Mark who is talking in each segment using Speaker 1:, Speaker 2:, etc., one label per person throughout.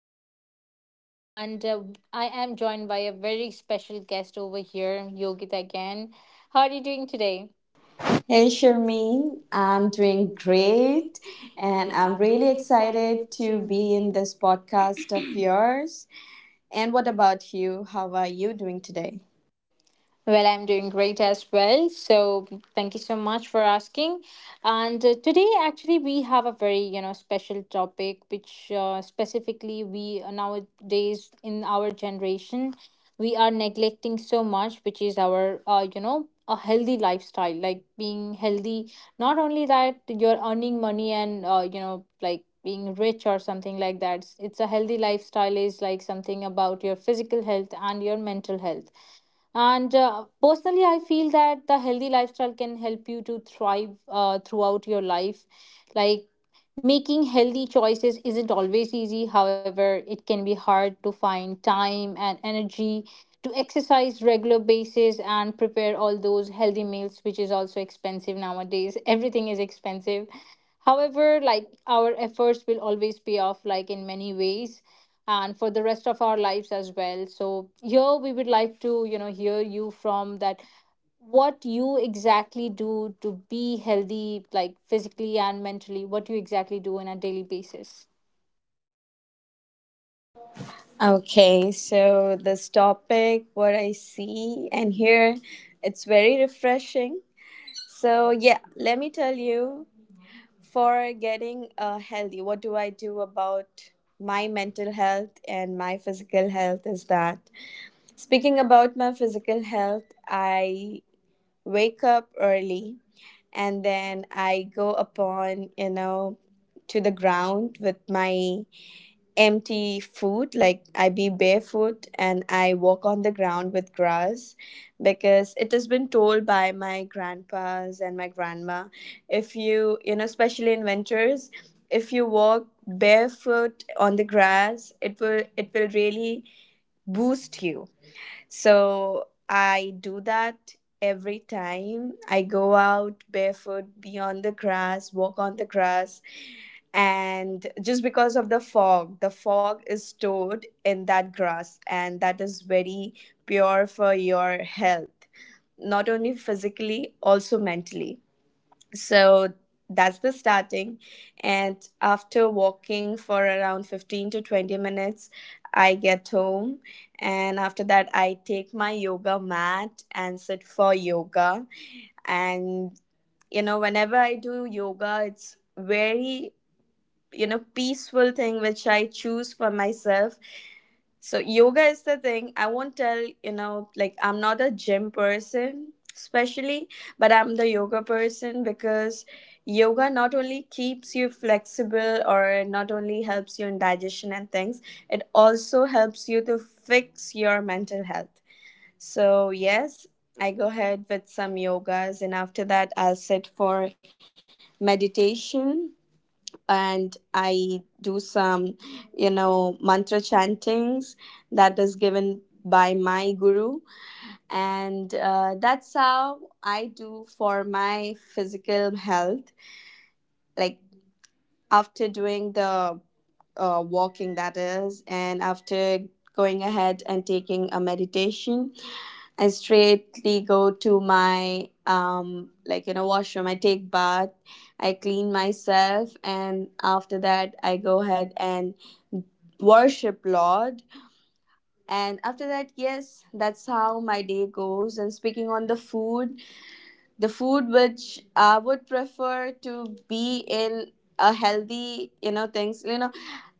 Speaker 1: name is Sharmeen, and I am joined by a very special guest over here, Yogita again. How are you doing today?
Speaker 2: Hey
Speaker 1: Hey
Speaker 2: Sharmeen,
Speaker 1: Sharmeen,
Speaker 2: I'm
Speaker 1: I'm
Speaker 2: doing
Speaker 1: doing great
Speaker 2: great and
Speaker 1: and
Speaker 2: I'm
Speaker 1: I'm
Speaker 2: really
Speaker 1: really excited
Speaker 2: excited to
Speaker 1: to
Speaker 2: be
Speaker 1: be.
Speaker 2: in this podcast of yours. And what about you? How are you doing today?
Speaker 1: Well, I'm doing great as well. So thank you so much for asking. And today, actually, we have a very special topic, which specifically we nowadays in our generation we are neglecting so much, which is our a healthy lifestyle, like being healthy. Not only that, you're earning money and like being rich or something like that. It's a healthy lifestyle is like something about your physical health and your mental health and personally, I feel that the healthy lifestyle can help you to thrive throughout your life. Like making healthy choices isn't always easy. However, it can be hard to find time and energy to exercise regular basis and prepare all those healthy meals, which is also expensive nowadays. Everything is expensive. However, like our efforts will always pay off, like in many ways, and for the rest of our lives as well. So, here we would like to, you know, hear you from that what you exactly do to be healthy, like physically and mentally, what you exactly do on a daily basis.
Speaker 2: Okay, so this topic, what I see and hear, it's very refreshing. So, yeah, let me tell you for getting healthy, what do I do about my mental health and my physical health is that speaking about my physical health, I wake up early and then I go upon, you know, to the ground with my empty foot. Like I be barefoot and I walk on the ground with grass because it has been told by my grandpas and my grandma if you, you know, especially in winters, if you walk barefoot on the grass, it will really boost you so I do that every time. I go out barefoot, be on the grass, walk on the grass. And just because of the fog is stored in that grass, and that is very pure for your health, not only physically, also mentally. So that's the starting. And after walking for around 15 to 20 minutes, I get home. And after that, I take my yoga mat and sit for yoga. And, you know, whenever I do yoga, it's very, you know, peaceful thing which I choose for myself so yoga is the thing. I won't tell, you know, like I'm not a gym person especially, but I'm the yoga person because yoga not only keeps you flexible or not only helps you in digestion and things, it also helps you to fix your mental health. So yes, I go ahead with some yogas and after that I'll sit for meditation and I do some, you know, mantra chantings that is given by my guru. And that's how I do for my physical health. Like after doing the walking, that is, and after going ahead and taking a meditation, I straightly go to my like you know washroom. I take bath, I clean myself, and after that I go ahead and worship Lord. And after that, yes, that's how my day goes. And speaking on the food which I would prefer to be in a healthy, you know, things. You know,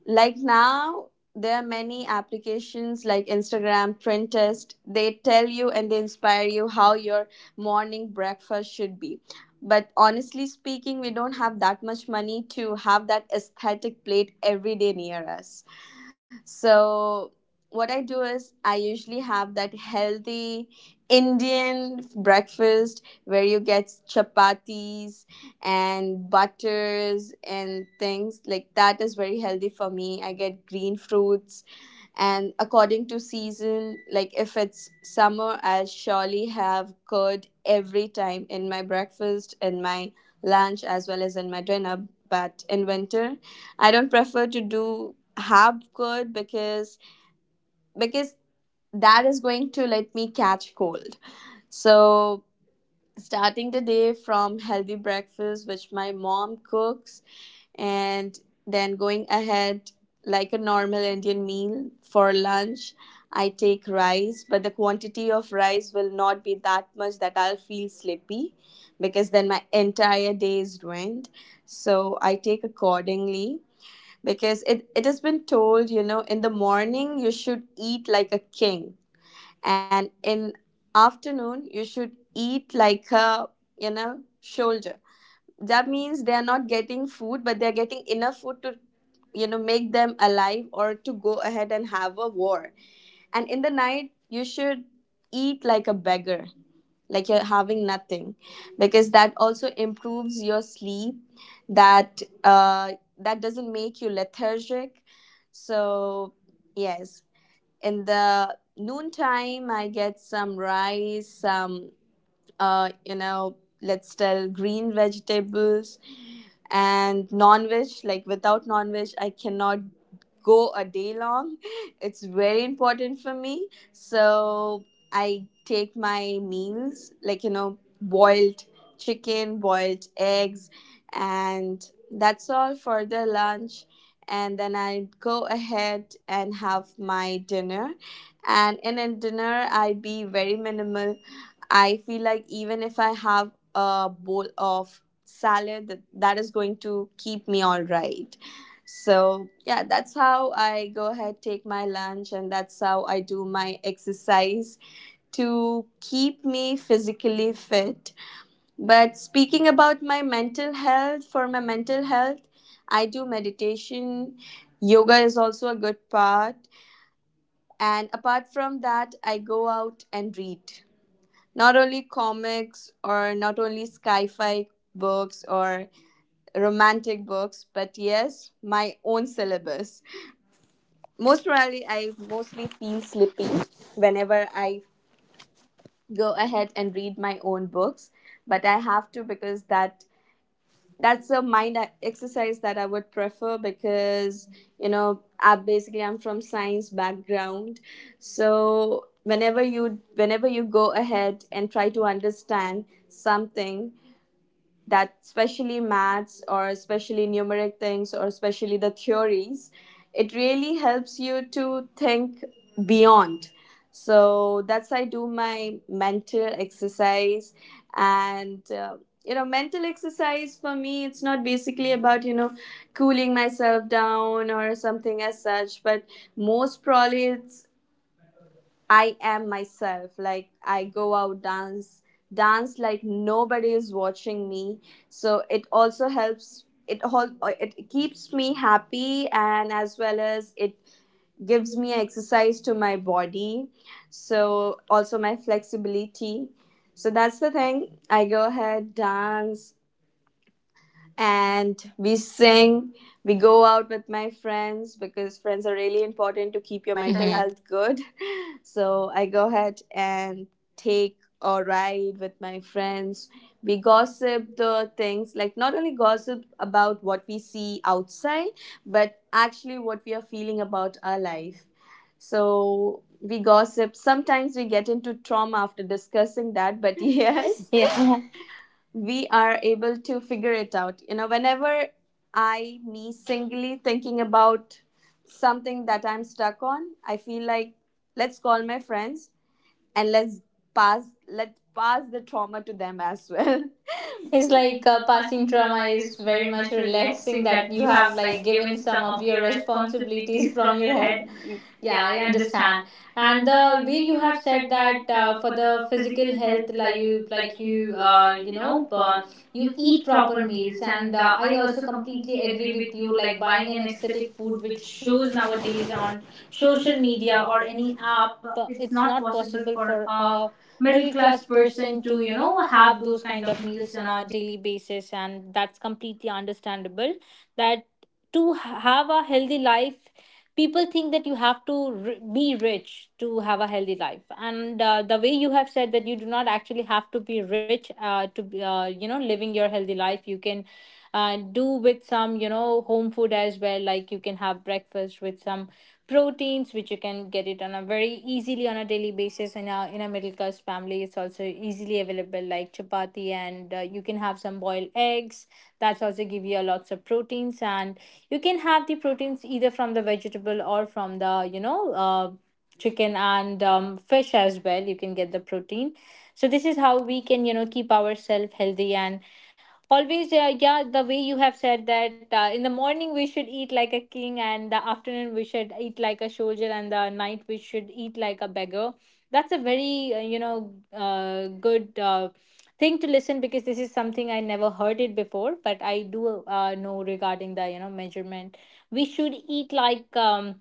Speaker 2: like now, there are many applications like Instagram, Pinterest. They tell you and they inspire you how your morning breakfast should be. But honestly speaking, we don't have that much money to have that aesthetic plate every day near us. So what I do is I usually have that healthy Indian breakfast where you get chapatis and butters and things like that is very healthy for me. I get green fruits and according to season, like if it's summer, I surely have curd every time in my breakfast, in my lunch as well as in my dinner, but in winter I don't prefer to do have curd because that is going to let me catch cold. So starting the day from healthy breakfast which my mom cooks and then going ahead like a normal Indian meal for lunch, I take rice, but the quantity of rice will not be that much that I'll feel sleepy because then my entire day is ruined. So I take accordingly because it has been told, you know, in the morning you should eat like a king, and in afternoon you should eat like a, you know, shoulder. That means they are not getting food, but they are getting enough food to, you know, make them alive or to go ahead and have a war. And in the night you should eat like a beggar, like you're having nothing, because that also improves your sleep, that that doesn't make you lethargic. So yes, in the noontime I get some rice, some you know, let's tell green vegetables and non-veg. Like without non-veg I cannot go a day long. It's very important for me. So I take my meals like, you know, boiled chicken, boiled eggs, and that's all for the lunch. And then I go ahead and have my dinner, and in a dinner I be very minimal. I feel like even if I have a bowl of salad, that is going to keep me all right. So, yeah, that's how I go ahead, take my lunch, and that's how I do my exercise to keep me physically fit. But speaking about my mental health, for my mental health, I do meditation. Yoga is also a good part. And apart from that, I go out and read not only comics or not only sci-fi books or romantic books, but yes, my own syllabus. Most probably I mostly feel sleepy whenever I go ahead and read my own books, but I have to because that's a mind exercise that I would prefer because, you know, I'm from science background. So whenever you go ahead and try to understand something, that especially maths or especially numeric things or especially the theories, it really helps you to think beyond. So that's I do my mental exercise. And you know, mental exercise for me, it's not basically about, you know, cooling myself down or something as such, but most probably it's I am myself. Like I go out dance, dance like nobody is watching me. So it also helps. It all it keeps me happy and as well as it gives me exercise to my body. So also my flexibility. So that's the thing. I go ahead dance, and we sing, we go out with my friends because friends are really important to
Speaker 1: Keep
Speaker 2: keep
Speaker 1: your
Speaker 2: your
Speaker 1: mental hmm
Speaker 2: mental
Speaker 1: health.
Speaker 2: health good. So I go ahead and take a ride with my friends. We gossip the things, like not only gossip about what we see outside, but actually what we are feeling about our life. So we gossip, sometimes we get into trauma after discussing that, but
Speaker 1: Yes.
Speaker 2: yes,
Speaker 1: Yeah.
Speaker 2: we are able to figure it out. You know, whenever I, me singly thinking about something that I'm stuck on, I feel like let's call my friends and let's pass let pass the trauma to them as well.
Speaker 1: It's
Speaker 2: It's
Speaker 1: like
Speaker 2: like
Speaker 1: passing
Speaker 2: passing
Speaker 1: trauma
Speaker 2: trauma
Speaker 1: is
Speaker 2: is
Speaker 1: very
Speaker 2: very
Speaker 1: much
Speaker 2: much
Speaker 1: relaxing,
Speaker 2: relaxing,
Speaker 1: that
Speaker 2: that
Speaker 1: you
Speaker 2: you
Speaker 1: have
Speaker 2: have
Speaker 1: like
Speaker 2: like
Speaker 1: given
Speaker 2: given
Speaker 1: some
Speaker 2: some
Speaker 1: of
Speaker 2: of
Speaker 1: your
Speaker 2: your
Speaker 1: responsibilities
Speaker 2: responsibilities
Speaker 1: from
Speaker 2: from
Speaker 1: your
Speaker 2: your
Speaker 1: head.
Speaker 2: head.
Speaker 1: Yeah,
Speaker 2: Yeah,
Speaker 1: I
Speaker 2: I
Speaker 1: understand.
Speaker 2: understand.
Speaker 1: And
Speaker 2: And
Speaker 1: the
Speaker 2: the
Speaker 1: way
Speaker 2: way
Speaker 1: you
Speaker 2: you
Speaker 1: have
Speaker 2: have
Speaker 1: said
Speaker 2: said
Speaker 1: that
Speaker 2: that
Speaker 1: for
Speaker 2: for
Speaker 1: the
Speaker 2: the
Speaker 1: physical
Speaker 2: physical
Speaker 1: health,
Speaker 2: health, like you,
Speaker 1: like
Speaker 2: like
Speaker 1: you
Speaker 2: you, uh,
Speaker 1: you
Speaker 2: you
Speaker 1: know
Speaker 2: know, uh,
Speaker 1: you
Speaker 2: you
Speaker 1: eat
Speaker 2: eat
Speaker 1: proper
Speaker 2: proper
Speaker 1: meals,
Speaker 2: meals,
Speaker 1: and
Speaker 2: and
Speaker 1: I
Speaker 2: I
Speaker 1: also
Speaker 2: also
Speaker 1: completely
Speaker 2: completely
Speaker 1: agree
Speaker 2: agree
Speaker 1: with
Speaker 2: with
Speaker 1: you.
Speaker 2: you.
Speaker 1: Like
Speaker 2: Like
Speaker 1: buying
Speaker 2: buying
Speaker 1: an
Speaker 2: an
Speaker 1: aesthetic
Speaker 2: aesthetic
Speaker 1: food
Speaker 2: food,
Speaker 1: which
Speaker 2: which
Speaker 1: shows
Speaker 2: shows
Speaker 1: nowadays
Speaker 2: nowadays
Speaker 1: on
Speaker 2: on
Speaker 1: social
Speaker 2: social
Speaker 1: media
Speaker 2: media
Speaker 1: or
Speaker 2: or
Speaker 1: any
Speaker 2: any
Speaker 1: app,
Speaker 2: app, it's
Speaker 1: it's not
Speaker 2: not
Speaker 1: possible
Speaker 2: possible
Speaker 1: for
Speaker 2: for a
Speaker 1: middle
Speaker 2: middle
Speaker 1: class
Speaker 2: class
Speaker 1: person
Speaker 2: person to,
Speaker 1: to, you
Speaker 2: you know,
Speaker 1: know,
Speaker 2: have
Speaker 1: have those
Speaker 2: those kind
Speaker 1: kind of
Speaker 2: of
Speaker 1: meals
Speaker 2: meals
Speaker 1: on
Speaker 2: on
Speaker 1: a
Speaker 2: a
Speaker 1: daily basis, and that's completely understandable. That to have a healthy life, people think that you have to be rich to have a healthy life. And the way you have said that you do not actually have to be rich to be, living your healthy life, you can do with some home food as well. Like you can have breakfast with some proteins, which you can get it on a very easily on a daily basis. And in a middle class family it's also easily available, like chapati and you can have some boiled eggs. That's also give you a lots of proteins, and you can have the proteins either from the vegetable or from the chicken and fish as well, you can get the protein. So this is how we can, you know, keep ourselves healthy. And always, yeah, the way you have said that in the morning we should eat like a king, and the afternoon we should eat like a soldier, and the night we should eat like a beggar. That's a very good thing to listen, because this is something I never heard it before. But I do know regarding the, you know, measurement, we should eat like,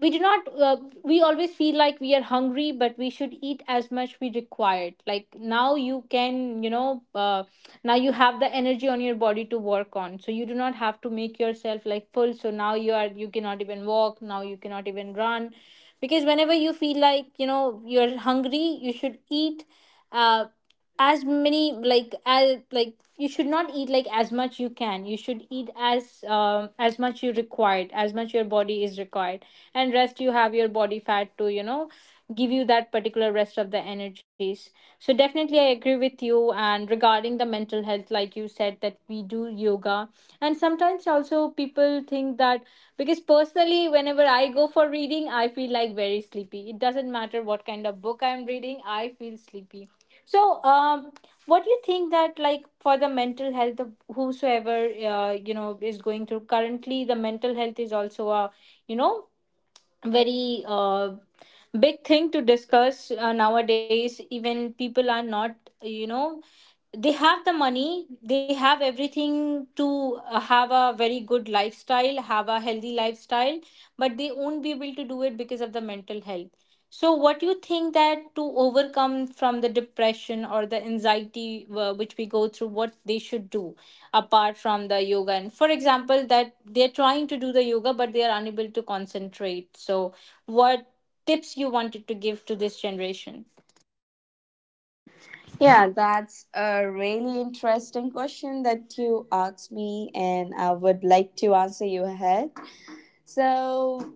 Speaker 1: we do not we always feel like we are hungry, but we should eat as much we required. Like now you can, now you have the energy on your body to work on, so you do not have to make yourself like full, so now you are, you cannot even walk, now you cannot even run. Because whenever you feel like, you know, you're hungry, you should eat, uh, as many like as like, you should not eat like as much you can, you should eat as, as much you required, as much your body is required. And rest you have your body fat to, you know, give you that particular rest of the energies. So definitely I agree with you. And regarding the mental health, like you said that we do yoga, and sometimes also people think that, because personally whenever I go for reading I feel like very sleepy, it doesn't matter what kind of book I'm reading, I feel sleepy. So what do you think that, like for the mental health of whosoever you know is going through currently, the mental health is also a, you know, very big thing to discuss nowadays. Even people are not, you know, they have the money, they have everything to have a very good lifestyle, have a healthy lifestyle, but they won't be able to do it because of the mental health. So what you think that to overcome from the depression or the anxiety which we go through, what they should do apart from the yoga? And for example that they're trying to do the yoga but they are unable to concentrate, so what tips you wanted to give to this generation?
Speaker 2: Yeah, that's a really interesting question that you asked me, and I would like to answer you ahead. So,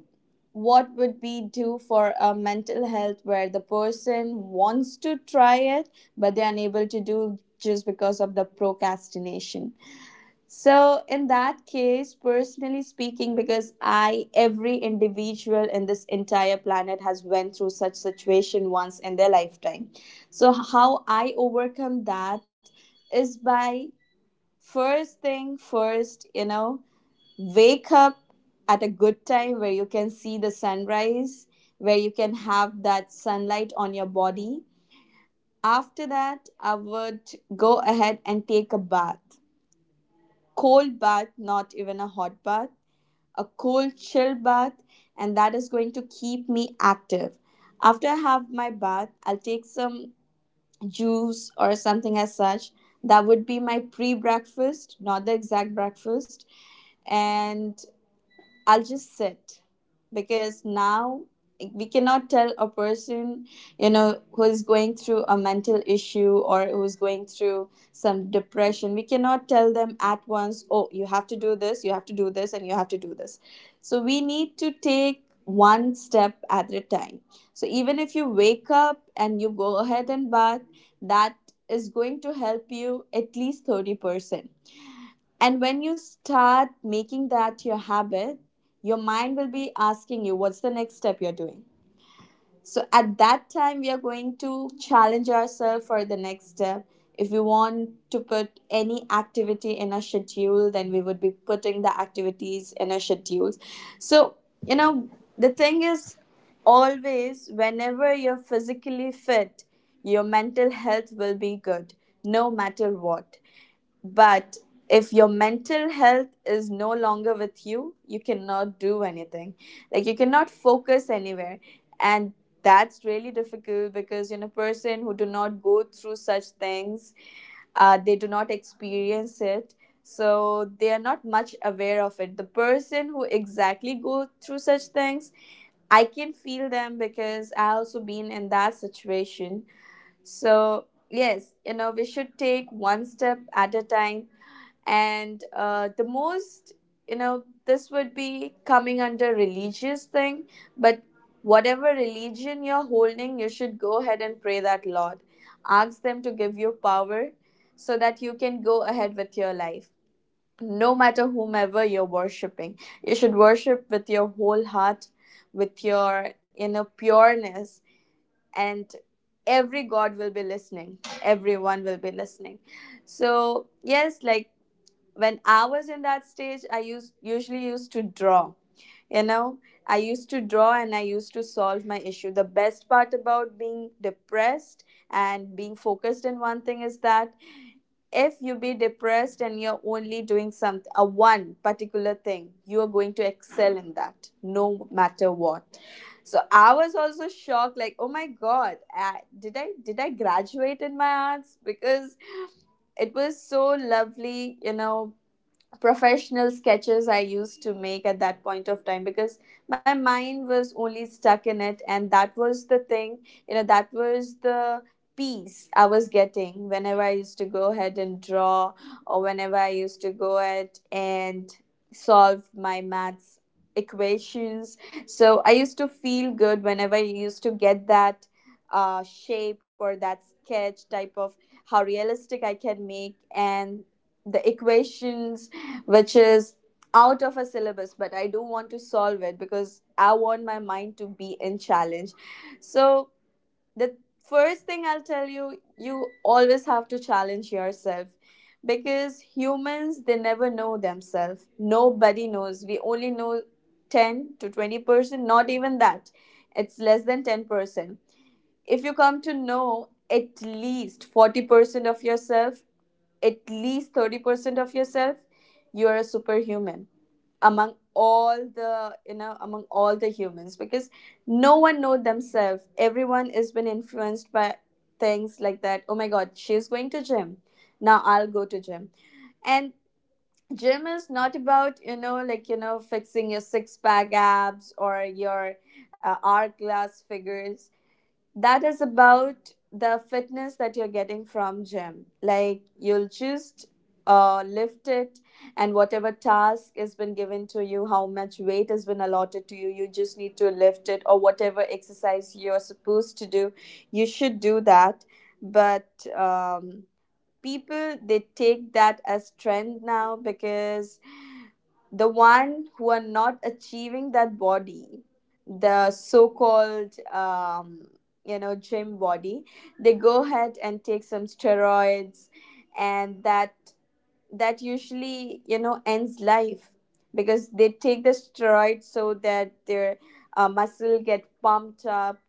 Speaker 2: what would we do for a mental health where the person wants to try it but they're unable to do just because of the procrastination? So, in that case, personally speaking, because I, every individual in this entire planet has went through such situation once in their lifetime. So, how I overcome that is by first thing first, you know, wake up at a good time where you can see the sunrise, where you can have that sunlight on your body. After that, I would go ahead and take a bath. Cold bath, not even a hot bath, a cold, chill bath, and that is going to keep me active. After I have my bath, I'll take some juice or something as such. That would be my pre breakfast, not the exact breakfast. And I'll just sit because now we cannot tell a person, you know, who is going through a mental issue or who is going through some depression. We cannot tell them at once, oh, you have to do this, you have to do this, and you have to do this. So we need to take one step at a time. So even if you wake up and you go ahead and bath, that is going to help you at least 30%. And when you start making that your habit, your mind will be asking you, what's the next step you're doing? So at that time, we are going to challenge ourselves for the next step. If we want to put any activity in a schedule, then we would be putting the activities in a schedules. So, you know, the thing is always whenever you're physically fit, your mental health will be good, no matter what. But if your mental health is no longer with you, you cannot do anything. Like you cannot focus anywhere. And that's really difficult because you know person who do not go through such things, they do not experience it. So they are not much aware of it. The person who exactly go through such things, I can feel them because I also been in that situation. So yes, you know we should take one step at a time and the most, you know, this would be coming under religious thing, but whatever religion you're holding, you should go ahead and pray that lord, ask them to give you power so that you can go ahead with your life. No matter whomever you're worshiping, you should worship with your whole heart, with your inner pureness, and every god will be listening, everyone will be listening. So yes, like when I was in that stage, I used usually used to draw, you know, I used to draw and I used to solve my issue. The best part about being depressed and being focused in one thing is that if you be depressed and you're only doing something, a one particular thing, you are going to excel in that no matter what. So I was also shocked, like oh my god, I, did I graduate in my arts, because it was so lovely, you know, professional sketches I used to make at that point of time, because my mind was only stuck in it, and that was the thing, you know, that was the peace I was getting whenever I used to go ahead and draw, or whenever I used to go ahead and solve my maths equations. So I used to feel good whenever I used to get that shape or that sketch type of how realistic I can make, and the equations which is out of a syllabus, but I do want to solve it because I want my mind to be in challenge. So the first thing I'll tell you, you always have to challenge yourself, because humans, they never know themselves. Nobody knows, we only know 10 to 20%, not even that, it's less than 10%. If you come to know at least 40% of yourself, at least 30% of yourself, you are a superhuman among all the, you know, among all the humans, because no one knows themselves. Everyone has been influenced by things like that, oh my god, she's going to gym, now I'll go to gym. And gym is not about, you know, like, you know, fixing your six pack abs or your hourglass figures. That is about the fitness that you're getting from gym. Like you'll just lift it, and whatever task has been given to you, how much weight has been allotted to you, you just need to lift it, or whatever exercise you're supposed to do, you should do that. But people, they take that as trend now, because the one who are not achieving that body, the so-called you know, gym body, they go ahead and take some steroids, and that usually, you know, ends life, because they take the steroids so that their muscle get pumped up,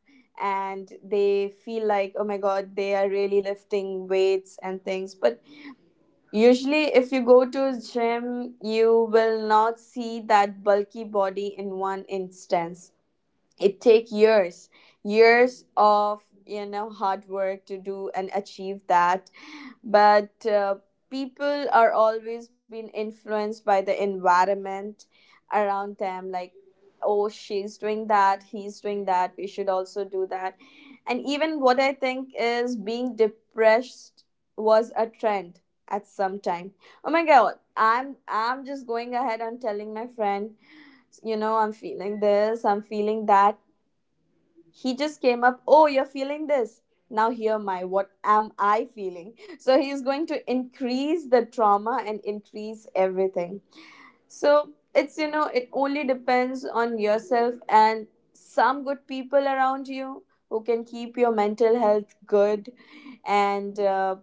Speaker 2: and they feel like oh my god, they are really lifting weights and things. But usually, if you go to a gym, you will not see that bulky body in one instance. It take years, years of, you know, hard work to do and achieve that. But people are always being influenced by the environment around them, like oh she's doing that, he's doing that, we should also do that. And even what I think is being depressed was a trend at some time. Oh my god, I'm just going ahead and telling my friend, you know, I'm feeling this, I'm feeling that. He just came up, oh you're feeling this, now hear my, what am I feeling. So he is going to increase the trauma and increase everything. So it's, you know, it only depends on yourself and some good people around you who can keep your mental health good. And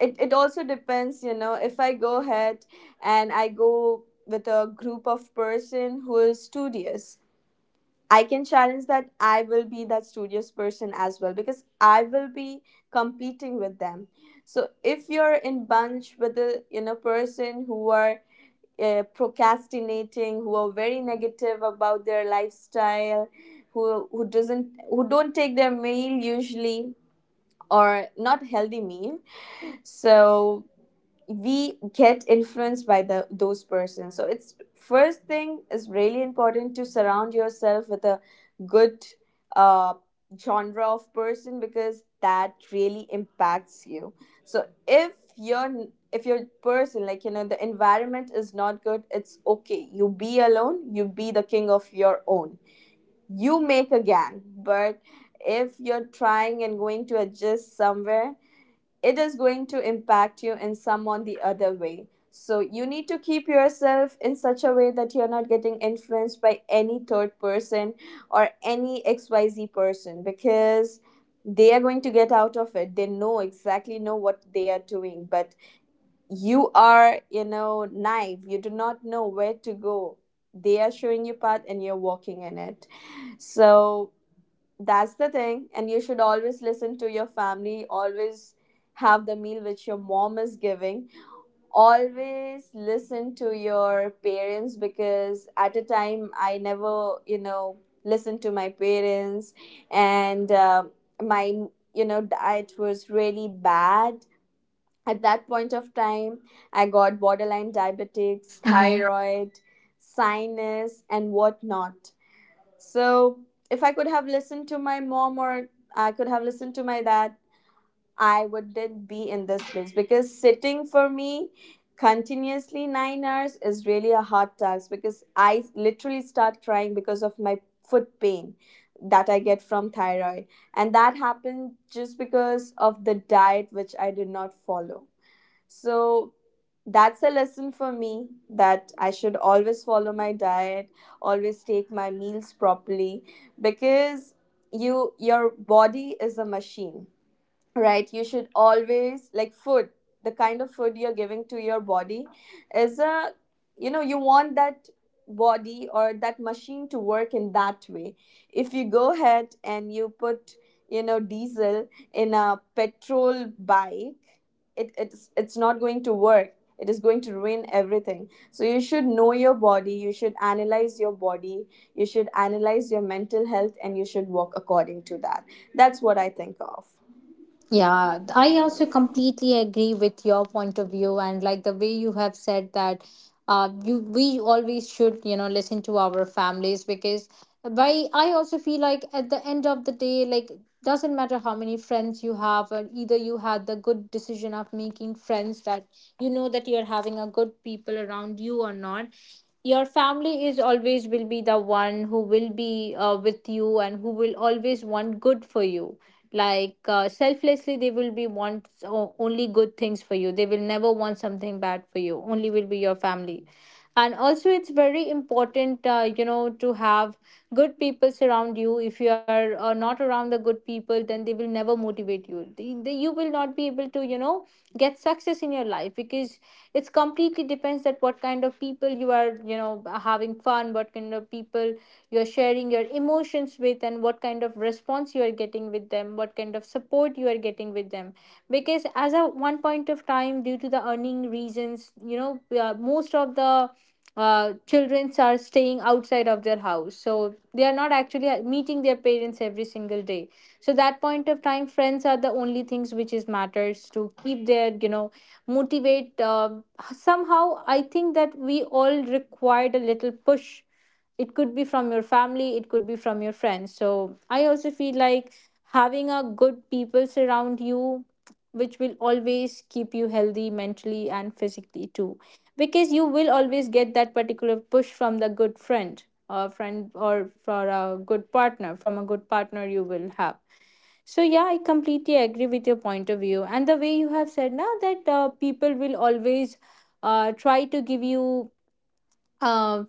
Speaker 2: it also depends, you know, if I go ahead and I go with a group of person who is studious, I can challenge that I will be that studious person as well, because I will be competing with them. So if you're in bunch with a, you know, person who are procrastinating, who are very negative about their lifestyle, who don't take their meal usually, or not healthy meal, so we get influenced by the those persons. So it's, first thing is really important to surround yourself with a good uh, genre of person, because that really impacts you. So if your, if your person, like, you know, the environment is not good, it's okay, you be alone, you be the king of your own, you make a gang. But if you're trying and going to adjust somewhere, it is going to impact you in some on the other way. So you need to keep yourself in such a way that you're not getting influenced by any third person or any XYZ person, because they are going to get out of it. They know exactly, know what they are doing, but you are, you know, naive. You do not know where to go. They are showing you path and you're walking in it. So that's the thing. And you should always listen to your family, always have the meal which your mom is giving. Always listen to your parents, because at a time I never, you know, listened to my parents, and my, you know, diet was really bad. At that point of time, I got borderline diabetics,
Speaker 1: Thanks. Hi.
Speaker 2: thyroid, sinus, and whatnot. So if I could have listened to my mom or I could have listened to my dad, I wouldn't be in this place, because sitting for me continuously 9 hours is really a hard task, because I literally start crying because of my foot pain that I get from thyroid. And that happened just because of the diet which I did not follow. So that's a lesson for me, that I should always follow my diet, always take my meals properly, because you, your body is a machine, right? You should always, like, food, the kind of food you're giving to your body is a, you know, you want that body or that machine to work in that way. If you go ahead and you put, you know, diesel in a petrol bike, it's not going to work, it is going to ruin everything. So you should know your body, you should analyze your body, you should analyze your mental health, and you should work according to that. That's what I think of. Yeah,
Speaker 1: Yeah, I
Speaker 2: I also
Speaker 1: also
Speaker 2: completely.
Speaker 1: completely agree with your point of view. And like the way you have said that you, we always should, you know, listen to our families. Because by I also feel like at the end of the day, like, doesn't matter how many friends you have, or either you had the good decision of making friends, that, you know, that you're having a good people around you or not, your family is always will be the one who will be with you and who will always want good for you. Like selflessly they will be want only good things for you, they will never want something bad for you, only will be your family. And also it's very important, to have good people surround you. If you are not around the good people, then they will never motivate you, you will not be able to, you know, get success in your life. Because it's completely depends that what kind of people you are, you know, having fun, what kind of people you're sharing your emotions with, and what kind of response you are getting with them, what kind of support you are getting with them. Because as a one point of time, due to the earning reasons, you know, we are- most of the children are staying outside of their house, so they are not actually meeting their parents every single day. So that point of time, friends are the only things which is matters to keep their, you know, motivate somehow. I think that we all required a little push, it could be from your family, it could be from your friends. So I also feel like having a good people surround you, which will always keep you healthy mentally and physically too, because you will always get that particular push from the good friend or friend, or for a good partner, from a good partner you will have. So yeah, I completely agree with your point of view. And the way you have said now that people will always try to give you, uh,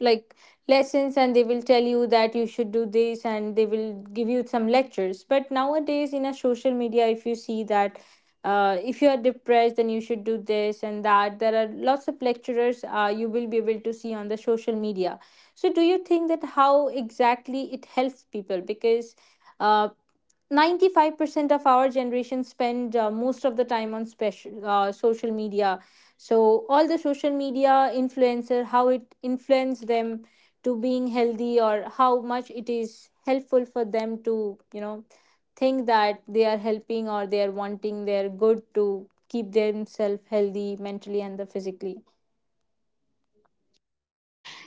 Speaker 1: like, lessons, and they will tell you that you should do this, and they will give you some lectures. But nowadays in a social media, if you see that, if you are depressed then you should do this and that, there are lots of lecturers you will be able to see on the social media. So do you think that how exactly it helps people, because uh, 95% of our generation spend most of the time on special social media. So all the social media influencer, how it influenced them to being healthy, or how much it is helpful for them to, you know, think that they are helping, or they are wanting their good to keep themselves healthy mentally and the physically?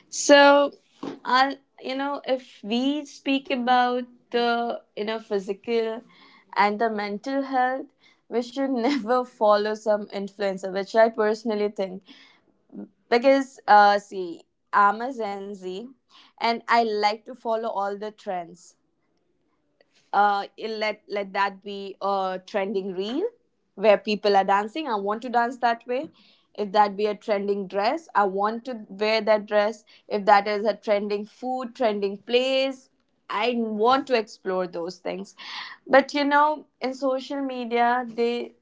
Speaker 2: So, I, you know, if we speak about the, you know, physical and the mental health, we should never follow some influencer, which I personally think, because see, I'm a Gen Z, and I like to follow all the trends. uh, let that be a trending reel where people are dancing, I want to dance that way. If that be a trending dress, I want to wear that dress. If that is a trending food, trending place, I want to explore those things. But you know, in social media, they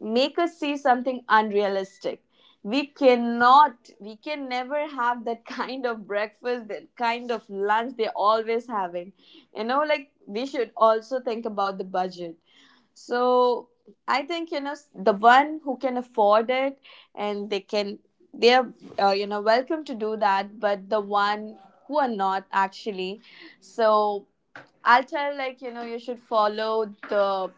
Speaker 2: make us see something unrealistic. We cannot, we can never have that kind of breakfast, that kind of lunch they're always having. You know, like, we should also think about the budget. So I think, you know, the one who can afford it and they can, they're you know, welcome to do that, but the one who are not actually, so I'll tell, like, you know, you should follow the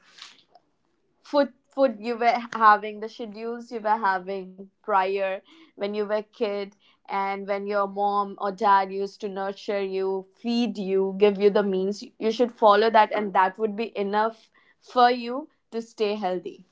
Speaker 2: food you were having, the schedules you were having prior, when you were kid, and when your mom or dad used to nurture you, feed you, give you the means, you should follow that and that would be enough for you to stay healthy.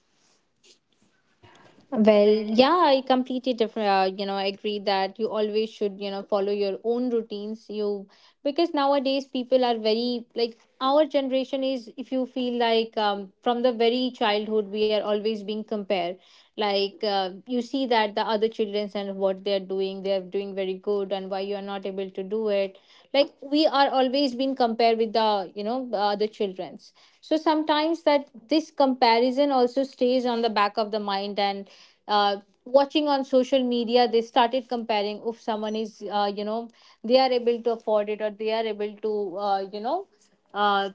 Speaker 1: Well,
Speaker 2: Well,
Speaker 1: yeah, I completely different. Agree that you always should, you know, follow your own routines. You, because nowadays people are very, like our generation is, if you feel like, from the very childhood we are always being compared. Like you see that the other children and what they are doing very good, and why you are not able to do it. Like we are always being compared with the, you know, the other children's. So sometimes that this comparison also stays on the back of the mind. And uh, watching on social media, they started comparing. If someone is, they are able to afford it, or they are able to uh, you know uh,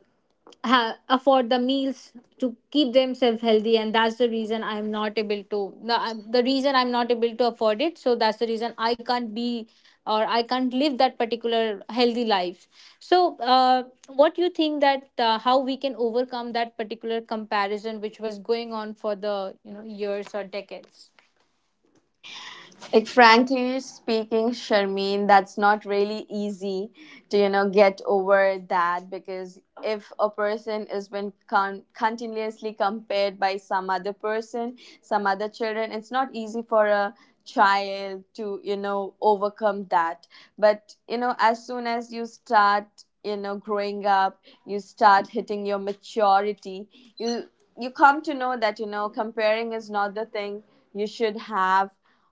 Speaker 1: afford the meals to keep themselves healthy, and that's the reason I'm not able to, the reason I'm not able to afford it, so that's the reason I can't be, or I can't live that particular healthy life. So what do you think that how we can overcome that particular comparison which was going on for the, you know, years or decades?
Speaker 2: like frankly speaking, Sharmeen, that's not really easy to, you know, get over that, because if a person is been continuously compared by some other person, some other children, it's not easy for a child to, you know, overcome that. But you know, as soon as you start, you know, growing up, you start hitting your maturity, you you come to know that, you know, comparing is not the thing you should have,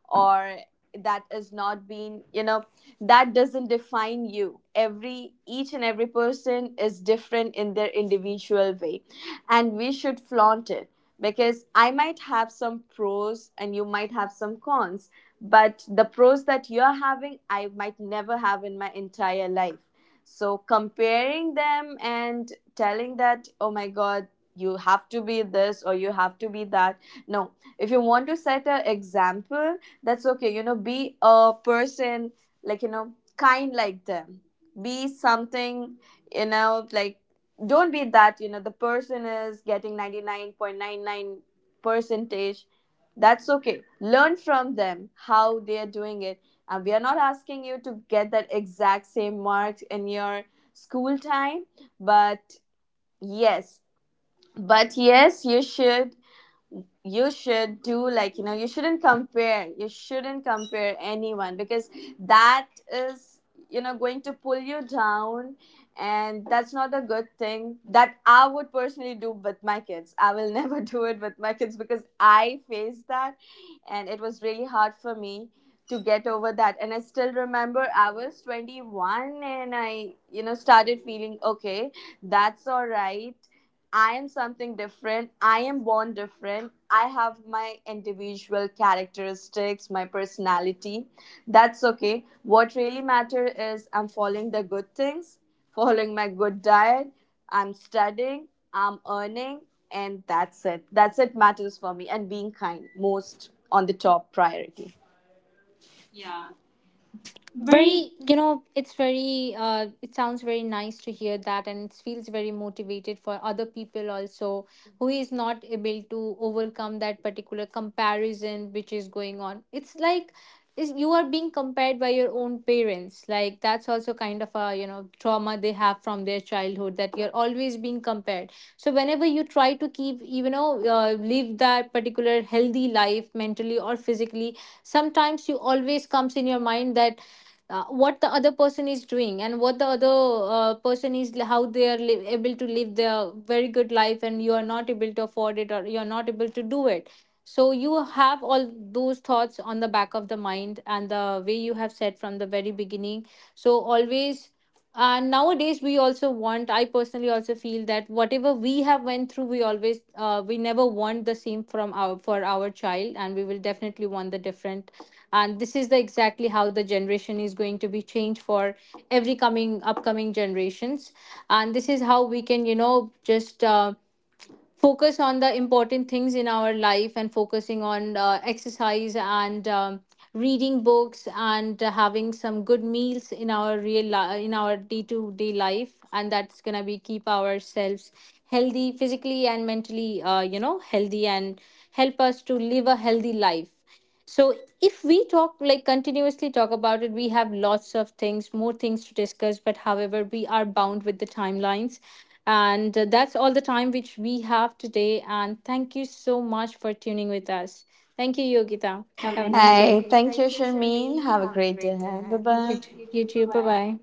Speaker 2: or that is not being, you know, that doesn't define you. Every each and every person is different in their individual way, and we should flaunt it, because I might have some pros and you might have some cons, but the pros that you're having, I might never have in my entire life. So comparing them and telling that oh my god, you have to be this or you have to be that, no. If you want to set an example, that's okay, you know, be a person, like, you know, kind like them, be something, you know, like, don't be that, you know, the person is getting 99.99 percentage, that's okay, learn from them how they are doing it. And we are not asking you to get that exact same marks in your school time, but yes, but yes, you should, you should do, like, you know, you shouldn't compare, you shouldn't compare anyone, because that is, you know, going to pull you down. And that's not a good thing that I would personally do with my kids. I will never do it with my kids, because I faced that and it was really hard for me to get over that. And I still remember I was 21 and I, you know, started feeling okay, that's all right. I am something different. I am born different. I have my individual characteristics, my personality. That's okay. What really matters is I'm following the good things, following my good diet, I'm studying, I'm earning, and that's it. That's it matters for me, and being kind most on the top priority. Yeah. Very.
Speaker 1: Very, you know, it's very it sounds very nice to hear that, and it feels very motivated for other people also who is not able to overcome that particular comparison which is going on. It's like, is you are being compared by your own parents, like that's also kind of a, you know, trauma they have from their childhood, that you're always being compared. So whenever you try to keep, you know, live that particular healthy life mentally or physically, sometimes you always comes in your mind that what the other person is doing, and what the other person is, how they are able to live their very good life, and you are not able to afford it or you are not able to do it. So you have all those thoughts on the back of the mind. And the way you have said from the very beginning, so always, and nowadays we also want, I personally also feel that whatever we have went through, we always, we never want the same from our, for our child, and we will definitely want the different. And this is the exactly how the generation is going to be changed for every coming upcoming generations. And this is how we can, you know, just focus on the important things in our life, and focusing on exercise and reading books and having some good meals in our real in our day to day life. And that's going to be keep ourselves healthy physically and mentally, healthy, and help us to live a healthy life. So if we talk like continuously talk about it, we have lots of things, more things to discuss. But however we are bound with the timelines, and that's all the time which we have today. And thank you so much for tuning with us. Thank you, Yogita. Have a nice day.
Speaker 2: Hey,
Speaker 1: Hey,
Speaker 2: thank you,
Speaker 1: thank you,
Speaker 2: Sharmeen.
Speaker 1: Sharmeen.
Speaker 2: Have a
Speaker 1: Have a
Speaker 2: great day
Speaker 1: great day
Speaker 2: ahead. Bye
Speaker 1: ahead. Bye you bye
Speaker 2: bye.
Speaker 1: too,
Speaker 2: You
Speaker 1: you
Speaker 2: too. Bye
Speaker 1: too. Bye
Speaker 2: bye.
Speaker 1: bye.